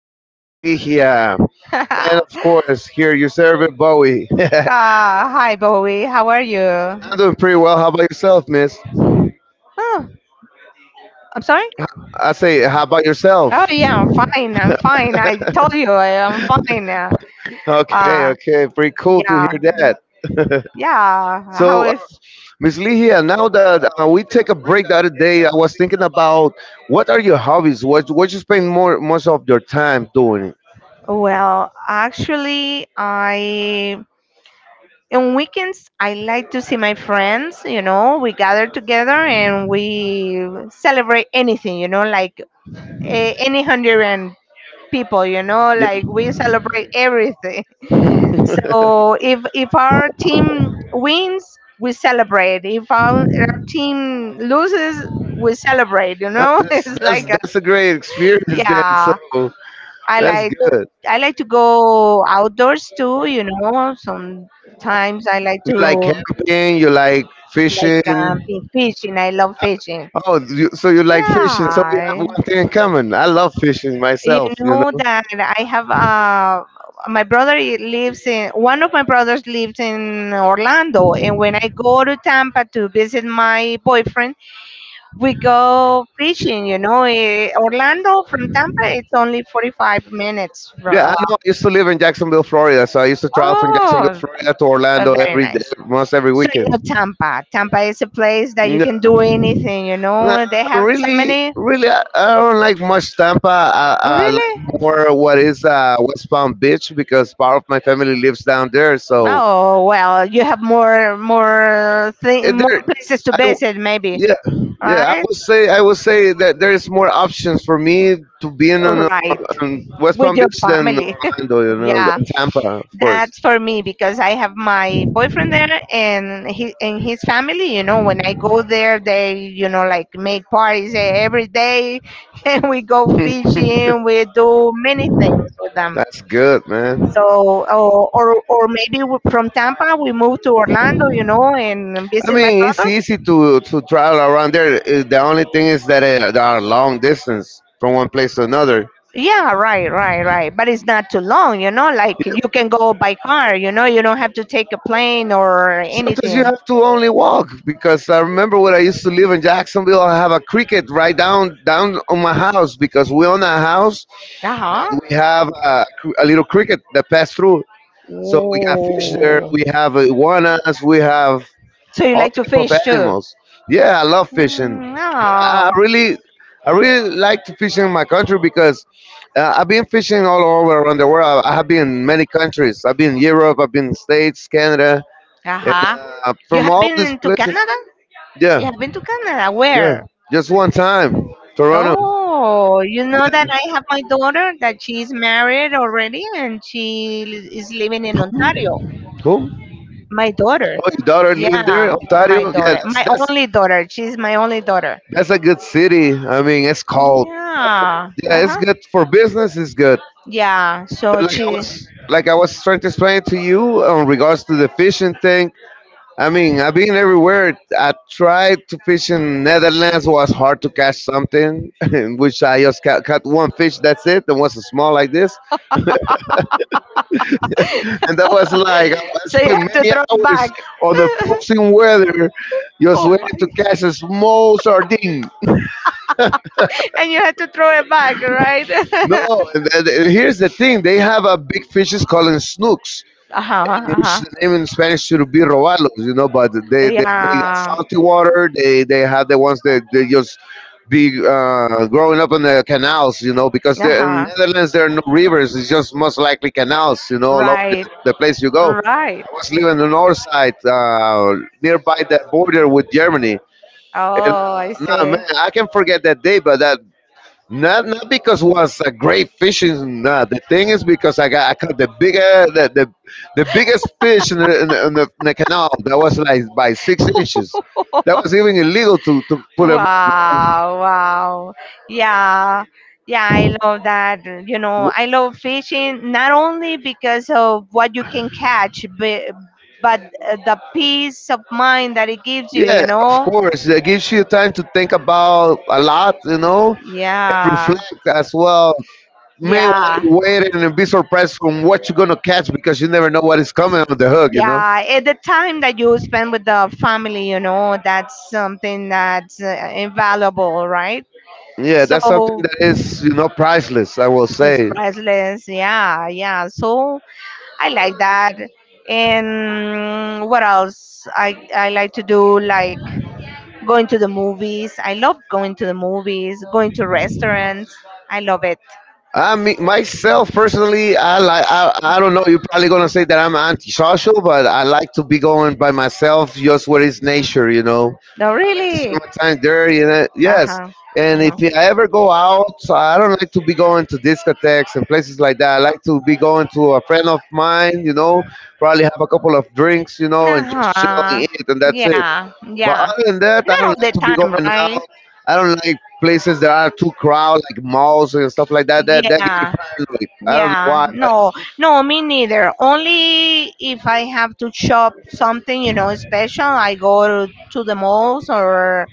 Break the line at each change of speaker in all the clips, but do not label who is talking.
with Miss Ligia. And of course, here your servant, Bowie. I'm
Ah, hi Bowie. How are you?
doing pretty well. How about yourself, miss?
Oh, I'm sorry.
I say, how about yourself?
Oh yeah, I'm fine. I'm fine. I told you I am fine.
Okay,
Uh,
okay. Pretty cool to
yeah,
hear that.
yeah. How
So, uh,
is?
Miss Ligia, now that we take a break the other day, I was thinking about what are your hobbies? What you spend more most of your time doing?
Well, actually, I on weekends I like to see my friends. We gather together and we celebrate anything. Like any hundred people,
Yeah.
like we celebrate everything. So if our team wins, we celebrate. If our team loses, we celebrate, you
Huh,
know?
That's,
It's
that's
like
that's a great experience then.
yeah.
So
I
that's
like
good.
I like to go outdoors too.
You
Sometimes I like
like
to
camping. You like
be
fishing.
fishing. I love fishing.
Oh, you, so you like fishing. So we have
Yeah,
one thing in common. I love fishing
you
myself. You
know
know.
that I have lives in one of my brothers lives in Orlando, and when I go to Tampa to visit my boyfriend, we go fishing. Orlando from Tampa, it's only 45 minutes from.
Yeah, I know. I used to live in Jacksonville, Florida, so I used to travel from Jacksonville,
Oh,
Florida to
uh,
Orlando
very
every day,
nice.
almost every
So you
weekend.
know Tampa. Tampa is a place that you
No,
can do anything.
no,
They have so
really,
many.
really, I don't like much Tampa. I,
Oh
I like more
really?
what is West Palm Beach because part of my family lives down there. So
Oh well, you have more
eh,
thing, more
there,
places to
I w-
visit maybe,
yeah, yeah. I
right?
would say I would say that there is more options for me to be in on,
Right,
on West
with
Palm
your
Beach than
family.
Orlando, you know,
Yeah,
than Tampa, of course.
that's for me because I have my boyfriend there and he and his family. When I go there, they make parties every day, and we go fishing. We do many things with them.
That's good, man.
So, or maybe from Tampa we move to Orlando, and
I
visit my
mean, it's
brother.
easy to travel around there. The only thing is that there are long distance from one place to another.
Yeah, right, right, right. But it's not too long. Like you can go by car, you know. You don't have to take a plane or
Sometimes you
anything.
have to only walk because I remember when I used to live in Jacksonville. I have a cricket right down on my house because we own a house.
Uh huh.
We have a, a little cricket that passed through. So we got fish there.
Whoa.
We have iguanas. We have
So you
all
like to
type of
fish too?
animals. Yeah, I love fishing.
Mm,
I
no.
really, I really like to fish in my country because I've been fishing all over around the world. I have been in many countries. I've been in Europe. I've been in States, Canada,
Uh
and
huh. You
from
have
all these
been to
places.
Canada?
Yeah,
You have been to Canada?
yeah.
Where?
Just one time, Toronto.
Oh, you know that I have my daughter that she is married already and is living in Ontario.
Who?
My daughter.
Oh, your daughter living there,
Yeah,
Ontario.
my
Yeah,
daughter. My only daughter. She's my only daughter.
that's a good city. I mean, it's cold.
Yeah. Uh
Yeah, it's
huh.
good for business. It's good.
Yeah.
But
So she.
like I was trying to explain to you on regards to the fishing thing. I mean, I've been everywhere. I tried to fish in Netherlands. Was hard to catch something, in which I just caught one fish. That's it. It was small like this, and that was like I spent many hours on the
just
freezing weather, just waiting to catch a small sardine.
And you have to throw it back, right?
No,
Uh
and here's the thing. They have a big fishes called snooks in
huh.
name in Spanish should be robalos, you know, but they got salty water. They have the ones that they just be
they
growing up in the canals, you know, because in Netherlands there are no rivers. It's just most likely canals, you know, all over the place you go. I was living on the north side, nearby the border with Germany, and
Oh, I Yeah,
no man,
see.
I can forget that day, but that not because it was a great fishing. Nah, the thing is because I caught the biggest fish in the canal that was like by 6 inches. That was even illegal to put them.
Wow, wow. Yeah. Yeah, I love that. You know,
W-
I love fishing not only because of what you can catch, but the peace of mind that it gives you, you
Yeah, of
know?
course. It gives you time to think about a lot, you know,
And
and
Yeah.
reflect as well.
Keep
May want to
Yeah.
wait and be surprised from what you're gonna catch because you never know what is coming on the hook, you know.
Yeah, at the time that you spend with the family, that's something that's invaluable, right?
Yeah, that's something
So
that is, you know, priceless. I will
it's
say.
priceless. Yeah, yeah. So I like that. And what else? I like to do like going to the movies. I love going to the movies, going to restaurants. I love it.
I mean, myself personally, I like. I don't know. You're probably gonna say that I'm antisocial, but I like to be going by myself, just where it's nature, you know
No,
to
really.
spend time there. You know,
Uh
yes.
huh.
And if
Uh
I ever go out, so I don't like to be
huh.
going to discotheques and places like that. I like to be going to a friend of mine. You know, probably have a couple of drinks. You know,
Uh
and just chilling
huh.
it, and that's it. But other
But
than that, I don't
all
like to be going out.
time,
I don't like places that are too crowded, like malls and stuff like that. That give me paranoid. I don't know why, but
no, me neither. Only if I have to shop something, special, I go to, the malls or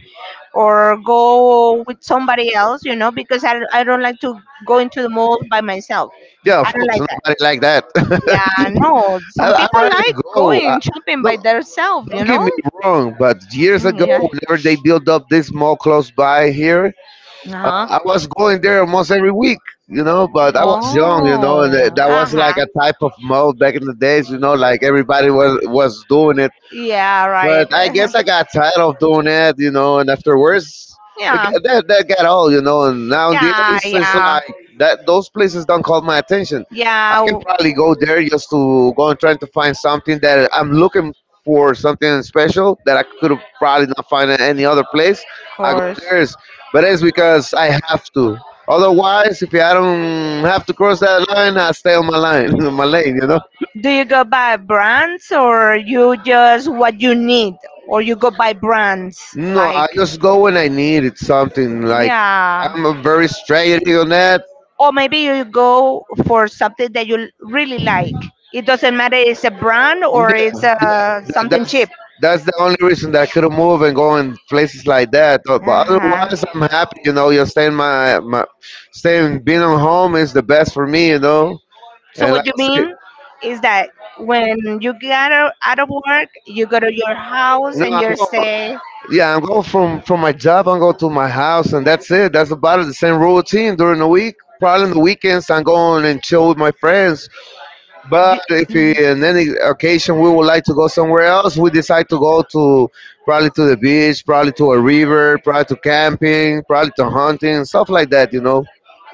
go with somebody else, because I don't like to go into the mall by myself.
yeah,
I
of
don't
course,
like that.
nobody like that.
Yeah, no. Some
I
people like
rarely go.
going shopping
No,
by themselves, you
don't get
know?
me wrong, but years ago,
Mm, yeah.
whenever they built up this mall close by here,
Uh-huh.
I was going there almost every week, you know, but I was young, you know, and
Oh,
that was like
uh-huh.
a type of mall back in the days, you know, like everybody was doing it.
Yeah,
But
right.
I
Uh-huh.
guess I got tired of doing that, you know, and afterwards,
Yeah.
that, that got old, you know, and nowadays
Yeah,
it's
yeah.
like that those places don't call my attention. I can
Yeah.
probably go there just to go and try to find something that I'm
w-
looking for, something special that I could probably not find at any other place. I go there, is- but it's because I have to. Otherwise, if I don't have to cross that line, I stay on my line, my lane, you know.
know? Do you go by brands or you just what you need or you go by brands? No,
No, I just go when I need it something. Like
yeah.
I'm a very strategic on that.
Or maybe you go for something that you really like. It
Yeah,
doesn't matter it's a brand
yeah,
or it's something
that's
cheap.
that's the only reason that I couldn't move and go in places like that. But
Uh-huh.
otherwise, I'm happy. You know, you're staying my my staying being at home is the best for me. You know,
So
and like
what you
I said,
mean is that when you get out of work, you go to your house
No,
and
I'm
you
going.
say,
Yeah, I'm going from my job. I'm going to my house, and that's it. That's about the same routine during the week. Probably on the weekends, I'm going and chill with my friends. But
"D-"
if we, on any occasion we would like to go somewhere else, we decide to go to probably to the beach, probably to a river, probably to camping, probably to hunting, stuff like that. You know.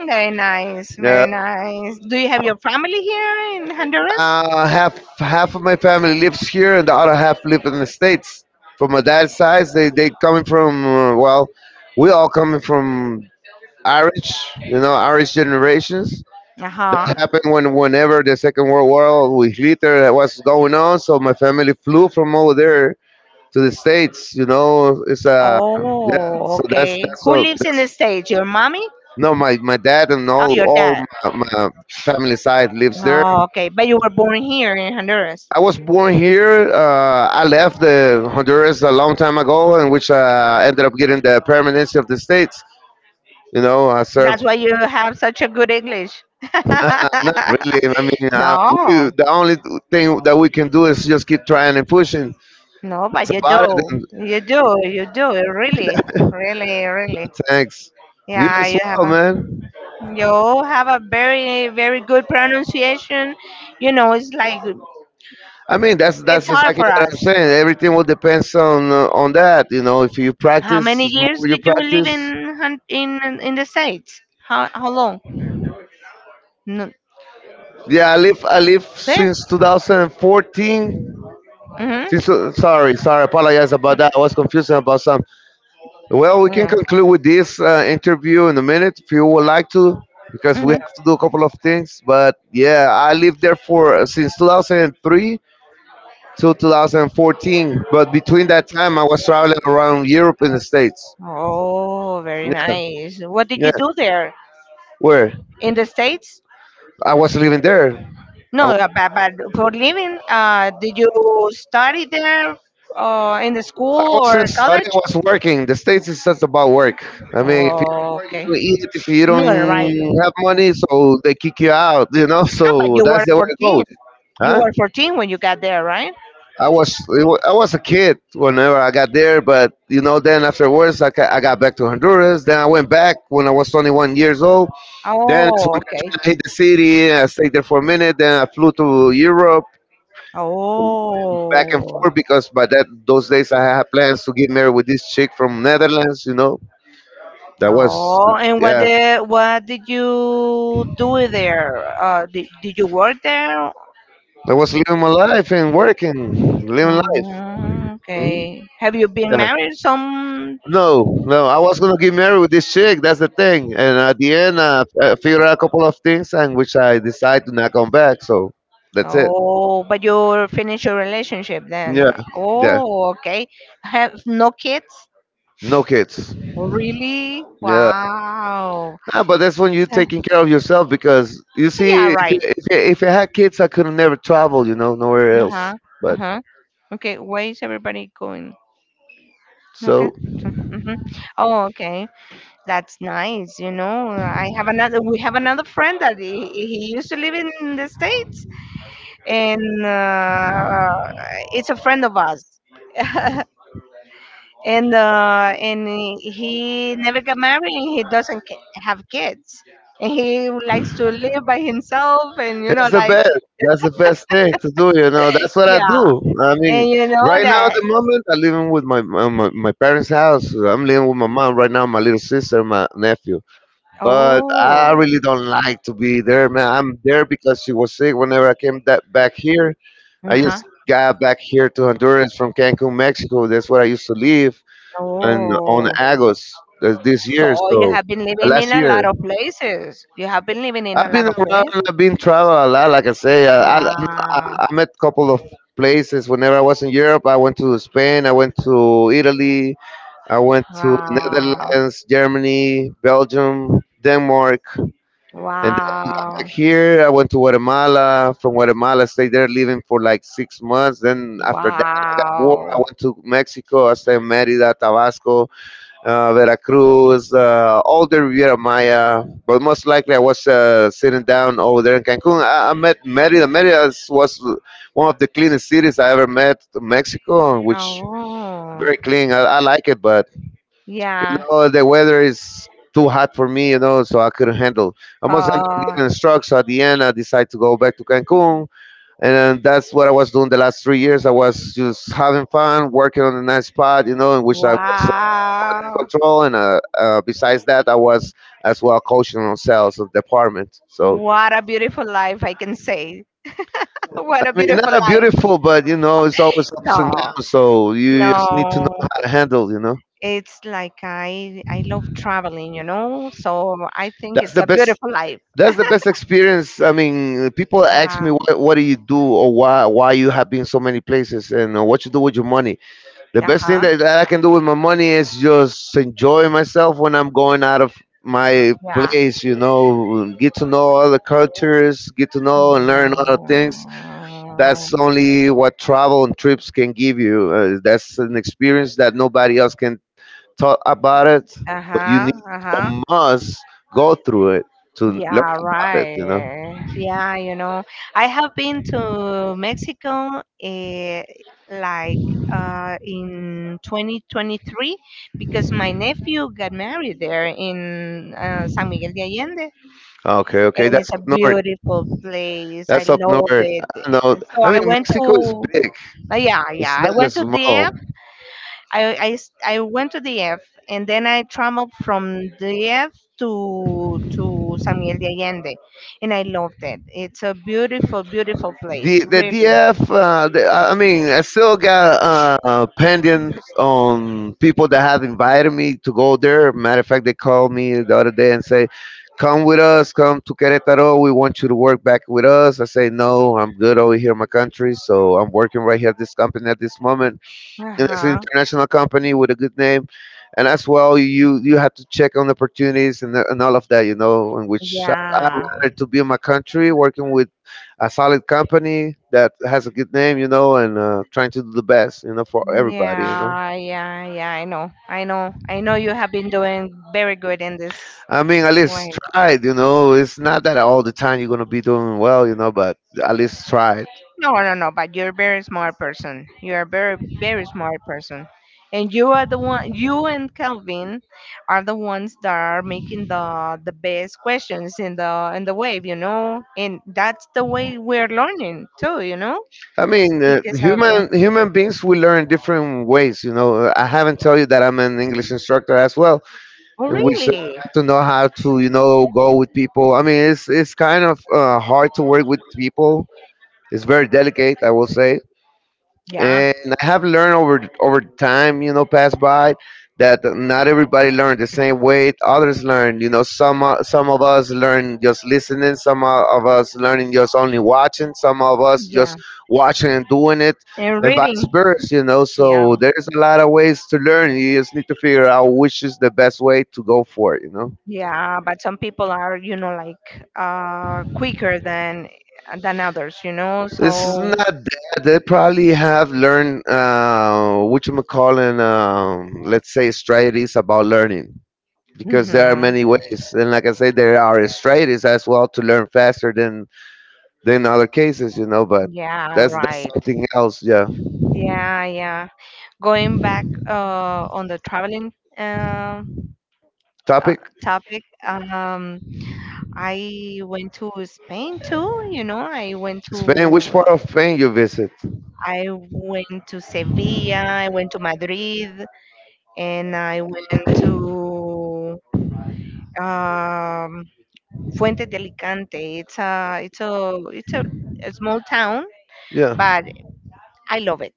Very nice,
Yeah.
very nice. Do you have your family here in Honduras?
Half of my family lives here, and the other half live in the states. From my dad's side, they coming from we all coming from Irish, you know, Irish generations.
Uh huh.
That happened when whenever the Second World War with Hitler was going on, so my family flew from over there to the states. You know, it's yeah.
Oh,
So
okay. Who lives in the States? Your mommy?
no, my dad and
Oh, your
all
dad.
my, my family side lives there.
Oh, okay. But you were born here in Honduras.
I was born here. I left the Honduras a long time ago, in which I ended up getting the permanency of the states. You know, I served.
That's why you have such a good English.
Not really. I mean,
No.
the only thing that we can do is just keep trying and pushing.
No,
It's
but you
about it.
do.
And
You do. You do. Really. Really, really.
thanks. You
Yeah,
as
you have
well,
a
man.
you have a very, very good pronunciation. You know, it's like
I mean, that's
it's
that's
hard
exactly
for
what I'm
us.
saying. Everything will depends on that. You know, if you
How
practice,
many
the
years
more you
did you live
practice.
in in the States? How long? No.
Yeah, I live
Okay.
since 2014.
Mhm.
Since, sorry, apologize about that. I was confusing about some. Well, we can
Yeah.
conclude with this interview in a minute if you would like to, because we
Mhm.
have to do a couple of things. But yeah, I lived there for since 2003 to 2014. But between that time, I was traveling around Europe and the States.
Oh, very
Yeah,
nice. What did
yeah.
you do there
Where
in the States?
I was living there.
No,
I,
uh, but, but for living, did you study there in the
I
school
wasn't
or college?
studying, I was working. The States is just about work. I mean, if
Oh, okay.
you eat, if you
No,
don't
right.
have money, so they kick you out, you know?
No, but
So
you
that's
were
the way it
14.
goes.
You
Huh?
were 14 when you got there, right?
I was a kid whenever I got there, but you know, then afterwards I got back to Honduras. Then I went back when I was 21 years old. Then it's
Oh,
when
okay.
I hit the city. I stayed there for a minute. Then I flew to Europe. Back and
Oh.
forth because by that those days I had plans to get married with this chick from Netherlands. You know, that was
Oh, and
yeah,
what did you do there? Did you work there?
that was living my life and working, living life.
Mm,
Mhm.
okay. Have you been
Yeah.
married some.
No, no, I was gonna get married with this chick. That's the thing. And at the end, I figured out a couple of things, and which I decided to not come back. So that's it.
Oh, but you finish your relationship
Yeah,
then.
yeah.
Oh, okay. Have no kids?
No kids.
Oh, really?
Yeah.
Wow.
Nah, but that's when you're
So-
taking care of yourself because you
Yeah,
see,
right.
if I had kids, I could have never traveled, you know, nowhere else.
Uh-huh.
But
Uh-huh. Okay, where is everybody going? Okay.
so
Mm-hmm. Oh, okay. That's nice. I have another. We have another friend that he used to live in the states, and it's a friend of us. And he never got married and he doesn't have kids and he likes to live by himself and
it's the best. That's the best thing to do. You know, that's what I
yeah
do. I mean,
and you know
right now at
that
the moment, I'm living with my parents' house. I'm living with my mom right now, my little sister, my nephew. But I
oh
really don't like to be there, man. I'm there because she was sick. Whenever I came that back here, I
uh-huh
just got back here to Honduras from Cancun, Mexico. That's where I used to live, and on
oh
Agos this year.
so you
So
have been living
last
in a
year,
lot of places you have been living in a
I've been
lot of
around.
places
I've been traveling a lot. Like I say, I
wow
I met a couple of places whenever I was in Europe. I went to Spain, I went to Italy, I went to
wow
Netherlands, Germany, Belgium, Denmark, and then back
wow
here I went to Guatemala. From Guatemala, I stayed there living for like 6 months. Then after that, I got bored. I
wow.
went to Mexico. I stayed in Merida, Tabasco, Veracruz, all the Riviera Maya. But most likely, I was sitting down over there in Cancun. I met Merida. Merida was one of the cleanest cities I ever met in Mexico, which
Oh,
very clean. I like it, but you
yeah.
know the weather is too hot for me, you know, so I couldn't handle. I almost ended up
Oh,
getting struck. So at the end, I decided to go back to Cancun, and that's what I was doing the last 3 years. I was just having fun, working on a nice spot, you know, in which I was
wow.
control, and besides that, I was as well coaching on sales of department. So
What a beautiful life, I can say. What a
I mean, not
beautiful
a
life.
beautiful, but you know, it's always ups and
No,
downs. So you just need to know
no.
how to handle. You know,
It's like I love traveling. So I think
that's
it's
the
a
best.
beautiful life.
That's the best experience. I mean, people
Well,
ask me,
yeah.
what do you do or why you have been so many places and what you do with your money? The best thing
Uh-huh.
that I can do with my money is just enjoy myself when I'm going out of my
Yeah.
place, you know, get to know other cultures, get to know and learn other things.
Yeah.
That's only what travel and trips can give you. That's an experience that nobody else can talk about it, but you
Uh-huh.
need
Uh-huh.
or must go through it to learn
Yeah,
about it, you know.
right. Yeah, you know, I have been to Mexico like in 2023 because my nephew got married there in San Miguel de Allende.
Okay, okay,
And
that's
it's a
up north.
beautiful place. I
That's up north.
love it.
I know.
So
I
I
mean,
went
Mexico is
to,
big. It's
yeah,
not
I went
as
to
small.
the I s- I went to DF and then I traveled from DF to San Miguel de Allende, and I loved it. It's a beautiful, beautiful
The
place,
the
really.
DF, the, I mean, I still got pendants on people that have invited me to go there. Matter of fact, they called me the other day and say, "Come with us, come to Querétaro. We want you to work back with us." I say, "No, I'm good over here in my country, so I'm working right here at this company at this moment."
Uh
And it's an
huh.
international company with a good name, and as well you have to check on opportunities and all of that, you know, in which I
Yeah.
rather to be in my country working with a solid company that has a good name, you know, and trying to do the best, you know, for everybody, you know.
Yeah, yeah, yeah. I know, I know, I know. You have been doing very good in this
I mean, at least
way.
tried, you know. It's not that all the time you're going to be doing well, you know, but at least tried.
No, no, no, but you're a very smart person. You're a very, very smart person. And you are the one, you and Calvin are the ones that are making the best questions in the wave, you know? And that's the way we're learning too, you know?
I mean,
Because of the,
human beings we learn different ways. You know, I haven't told you that I'm an English instructor as well,
oh
and we sort of
really?
have to know how to, you know, go with people. I mean, it's kind of hard to work with people. It's very delicate, I will say,
Yeah.
and I have learned over time, you know, pass by that not everybody learned the same way others learn. You know, some of us learn just listening, some of us learning just only watching, some of us
Yeah.
just watching and doing it,
And
and vice
reading.
versa. You know,
Yeah.
so there's a lot of ways to learn. You just need to figure out which is the best way to go for it. You know.
Yeah, but some people are, quicker than others.
This is
So,
not that. They probably have learned which calling, let's say, strategies about learning because there are
mhm.
many ways. And like I said, there are strategies as well to learn faster than other cases, you know. But
Yeah,
that's
right.
something else. Yeah.
Yeah, yeah. Going back on the traveling uh, uh
Topic:
topic, I went to Spain too. I went
Spain. Which
to
part of Spain you visit?
I went to Sevilla, I went to Madrid, and I went to um Fuentes de Alicante. It's a small town,
Yeah.
but I love it.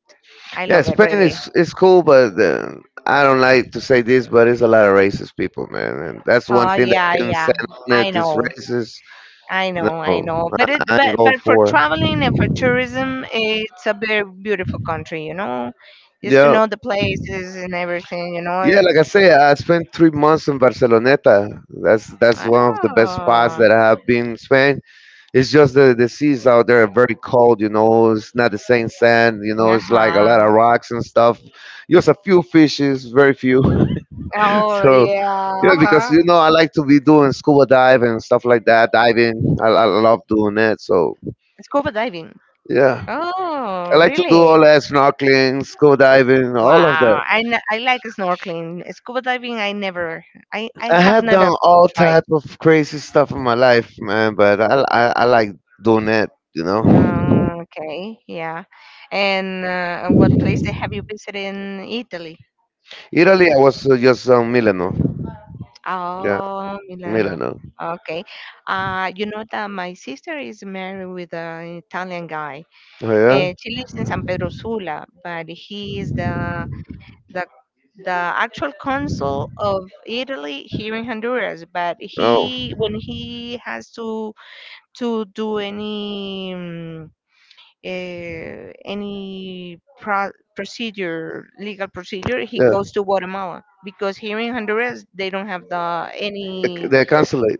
I
Yeah,
love it
Spain
really.
is cool, but I don't like to say this, but it's a lot of racist people, man, and that's one
Oh
thing that
yeah,
I can
yeah.
stand on
I
it. It's
know.
racist.
I know, I
No,
know,
I,
but it,
I ain't go
but for
for it.
traveling and for tourism, it's a very beautiful country. Just to
Yeah,
know the places and everything, you
yeah.
know.
Like I say, I spent 3 months in Barceloneta. That's one of the best spots
Oh,
that I have been in Spain. It's just the seas out there are very cold, you know. It's not the same sand, you know. It's like a
uh-huh.
lot of rocks and stuff. Just a few fishes, very few.
Oh
So
yeah.
yeah, because you
Uh-huh.
know I like to be doing scuba dive and stuff like that, diving. I love doing that. So
Scuba diving.
yeah, I
Oh,
like to do
really?
all that snorkeling, scuba diving, all of that.
Wow, I like snorkeling. Scuba diving, I
I
have
have
never
done all
tried.
type of crazy stuff in my life, man. But I like doing that, you know.
Okay, yeah. And what place that have you visited in Italy?
Italy, I was just Milano. Yeah,
Oh, Milano.
Milano.
Okay. You know that my sister is married with an Italian guy.
Oh yeah.
She lives in San Pedro Sula, but he is the the actual consul of Italy here in Honduras. But
Oh
he, when he has to do any procedure, legal procedure, he
yeah.
goes to Guatemala because here in Honduras they don't have
They they cancel it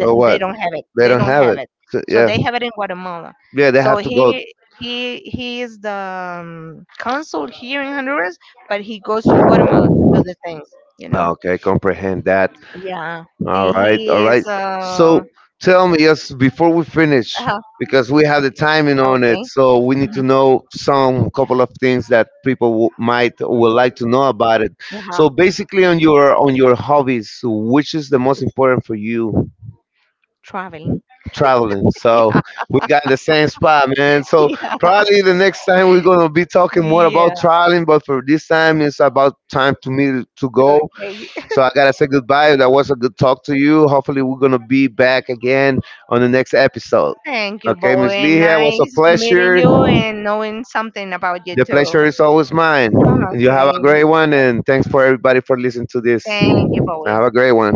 or
they
what?
don't have it.
They
They
don't
don't
have
have
it.
it.
So,
So
yeah.
they have it in Guatemala.
Yeah, they
So
have to go.
he is the consul here in Honduras, but he goes to Guatemala to do the things. You know.
Oh, okay, comprehend that.
Yeah,
All
and
right, all
he
right.
is
So tell me, yes, before we finish,
uh
because we have the timing on
okay.
it, so we need to
hmm
know some couple of things that people might would like to know about it. So
uh
basically, on your hobbies, which is the most important for you?
Traveling.
Traveling. So we got in the same spot, man. So probably the next time we're gonna be talking more
Yeah.
about
Yeah.
traveling, but for this time, it's about time to me to go.
Okay.
So I gotta say goodbye. That was a good talk to you. Hopefully we're gonna be back again on the next episode.
Thank you,
Okay, Miss
boy.
Leah, it was a
Nice meeting
pleasure.
you and knowing something about you
The
too.
pleasure is always mine. You have
Okay.
a great one and thanks for everybody for listening to this.
Thank you, boy.
Have a great
Bye,
one.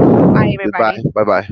everybody.
Goodbye. Bye bye.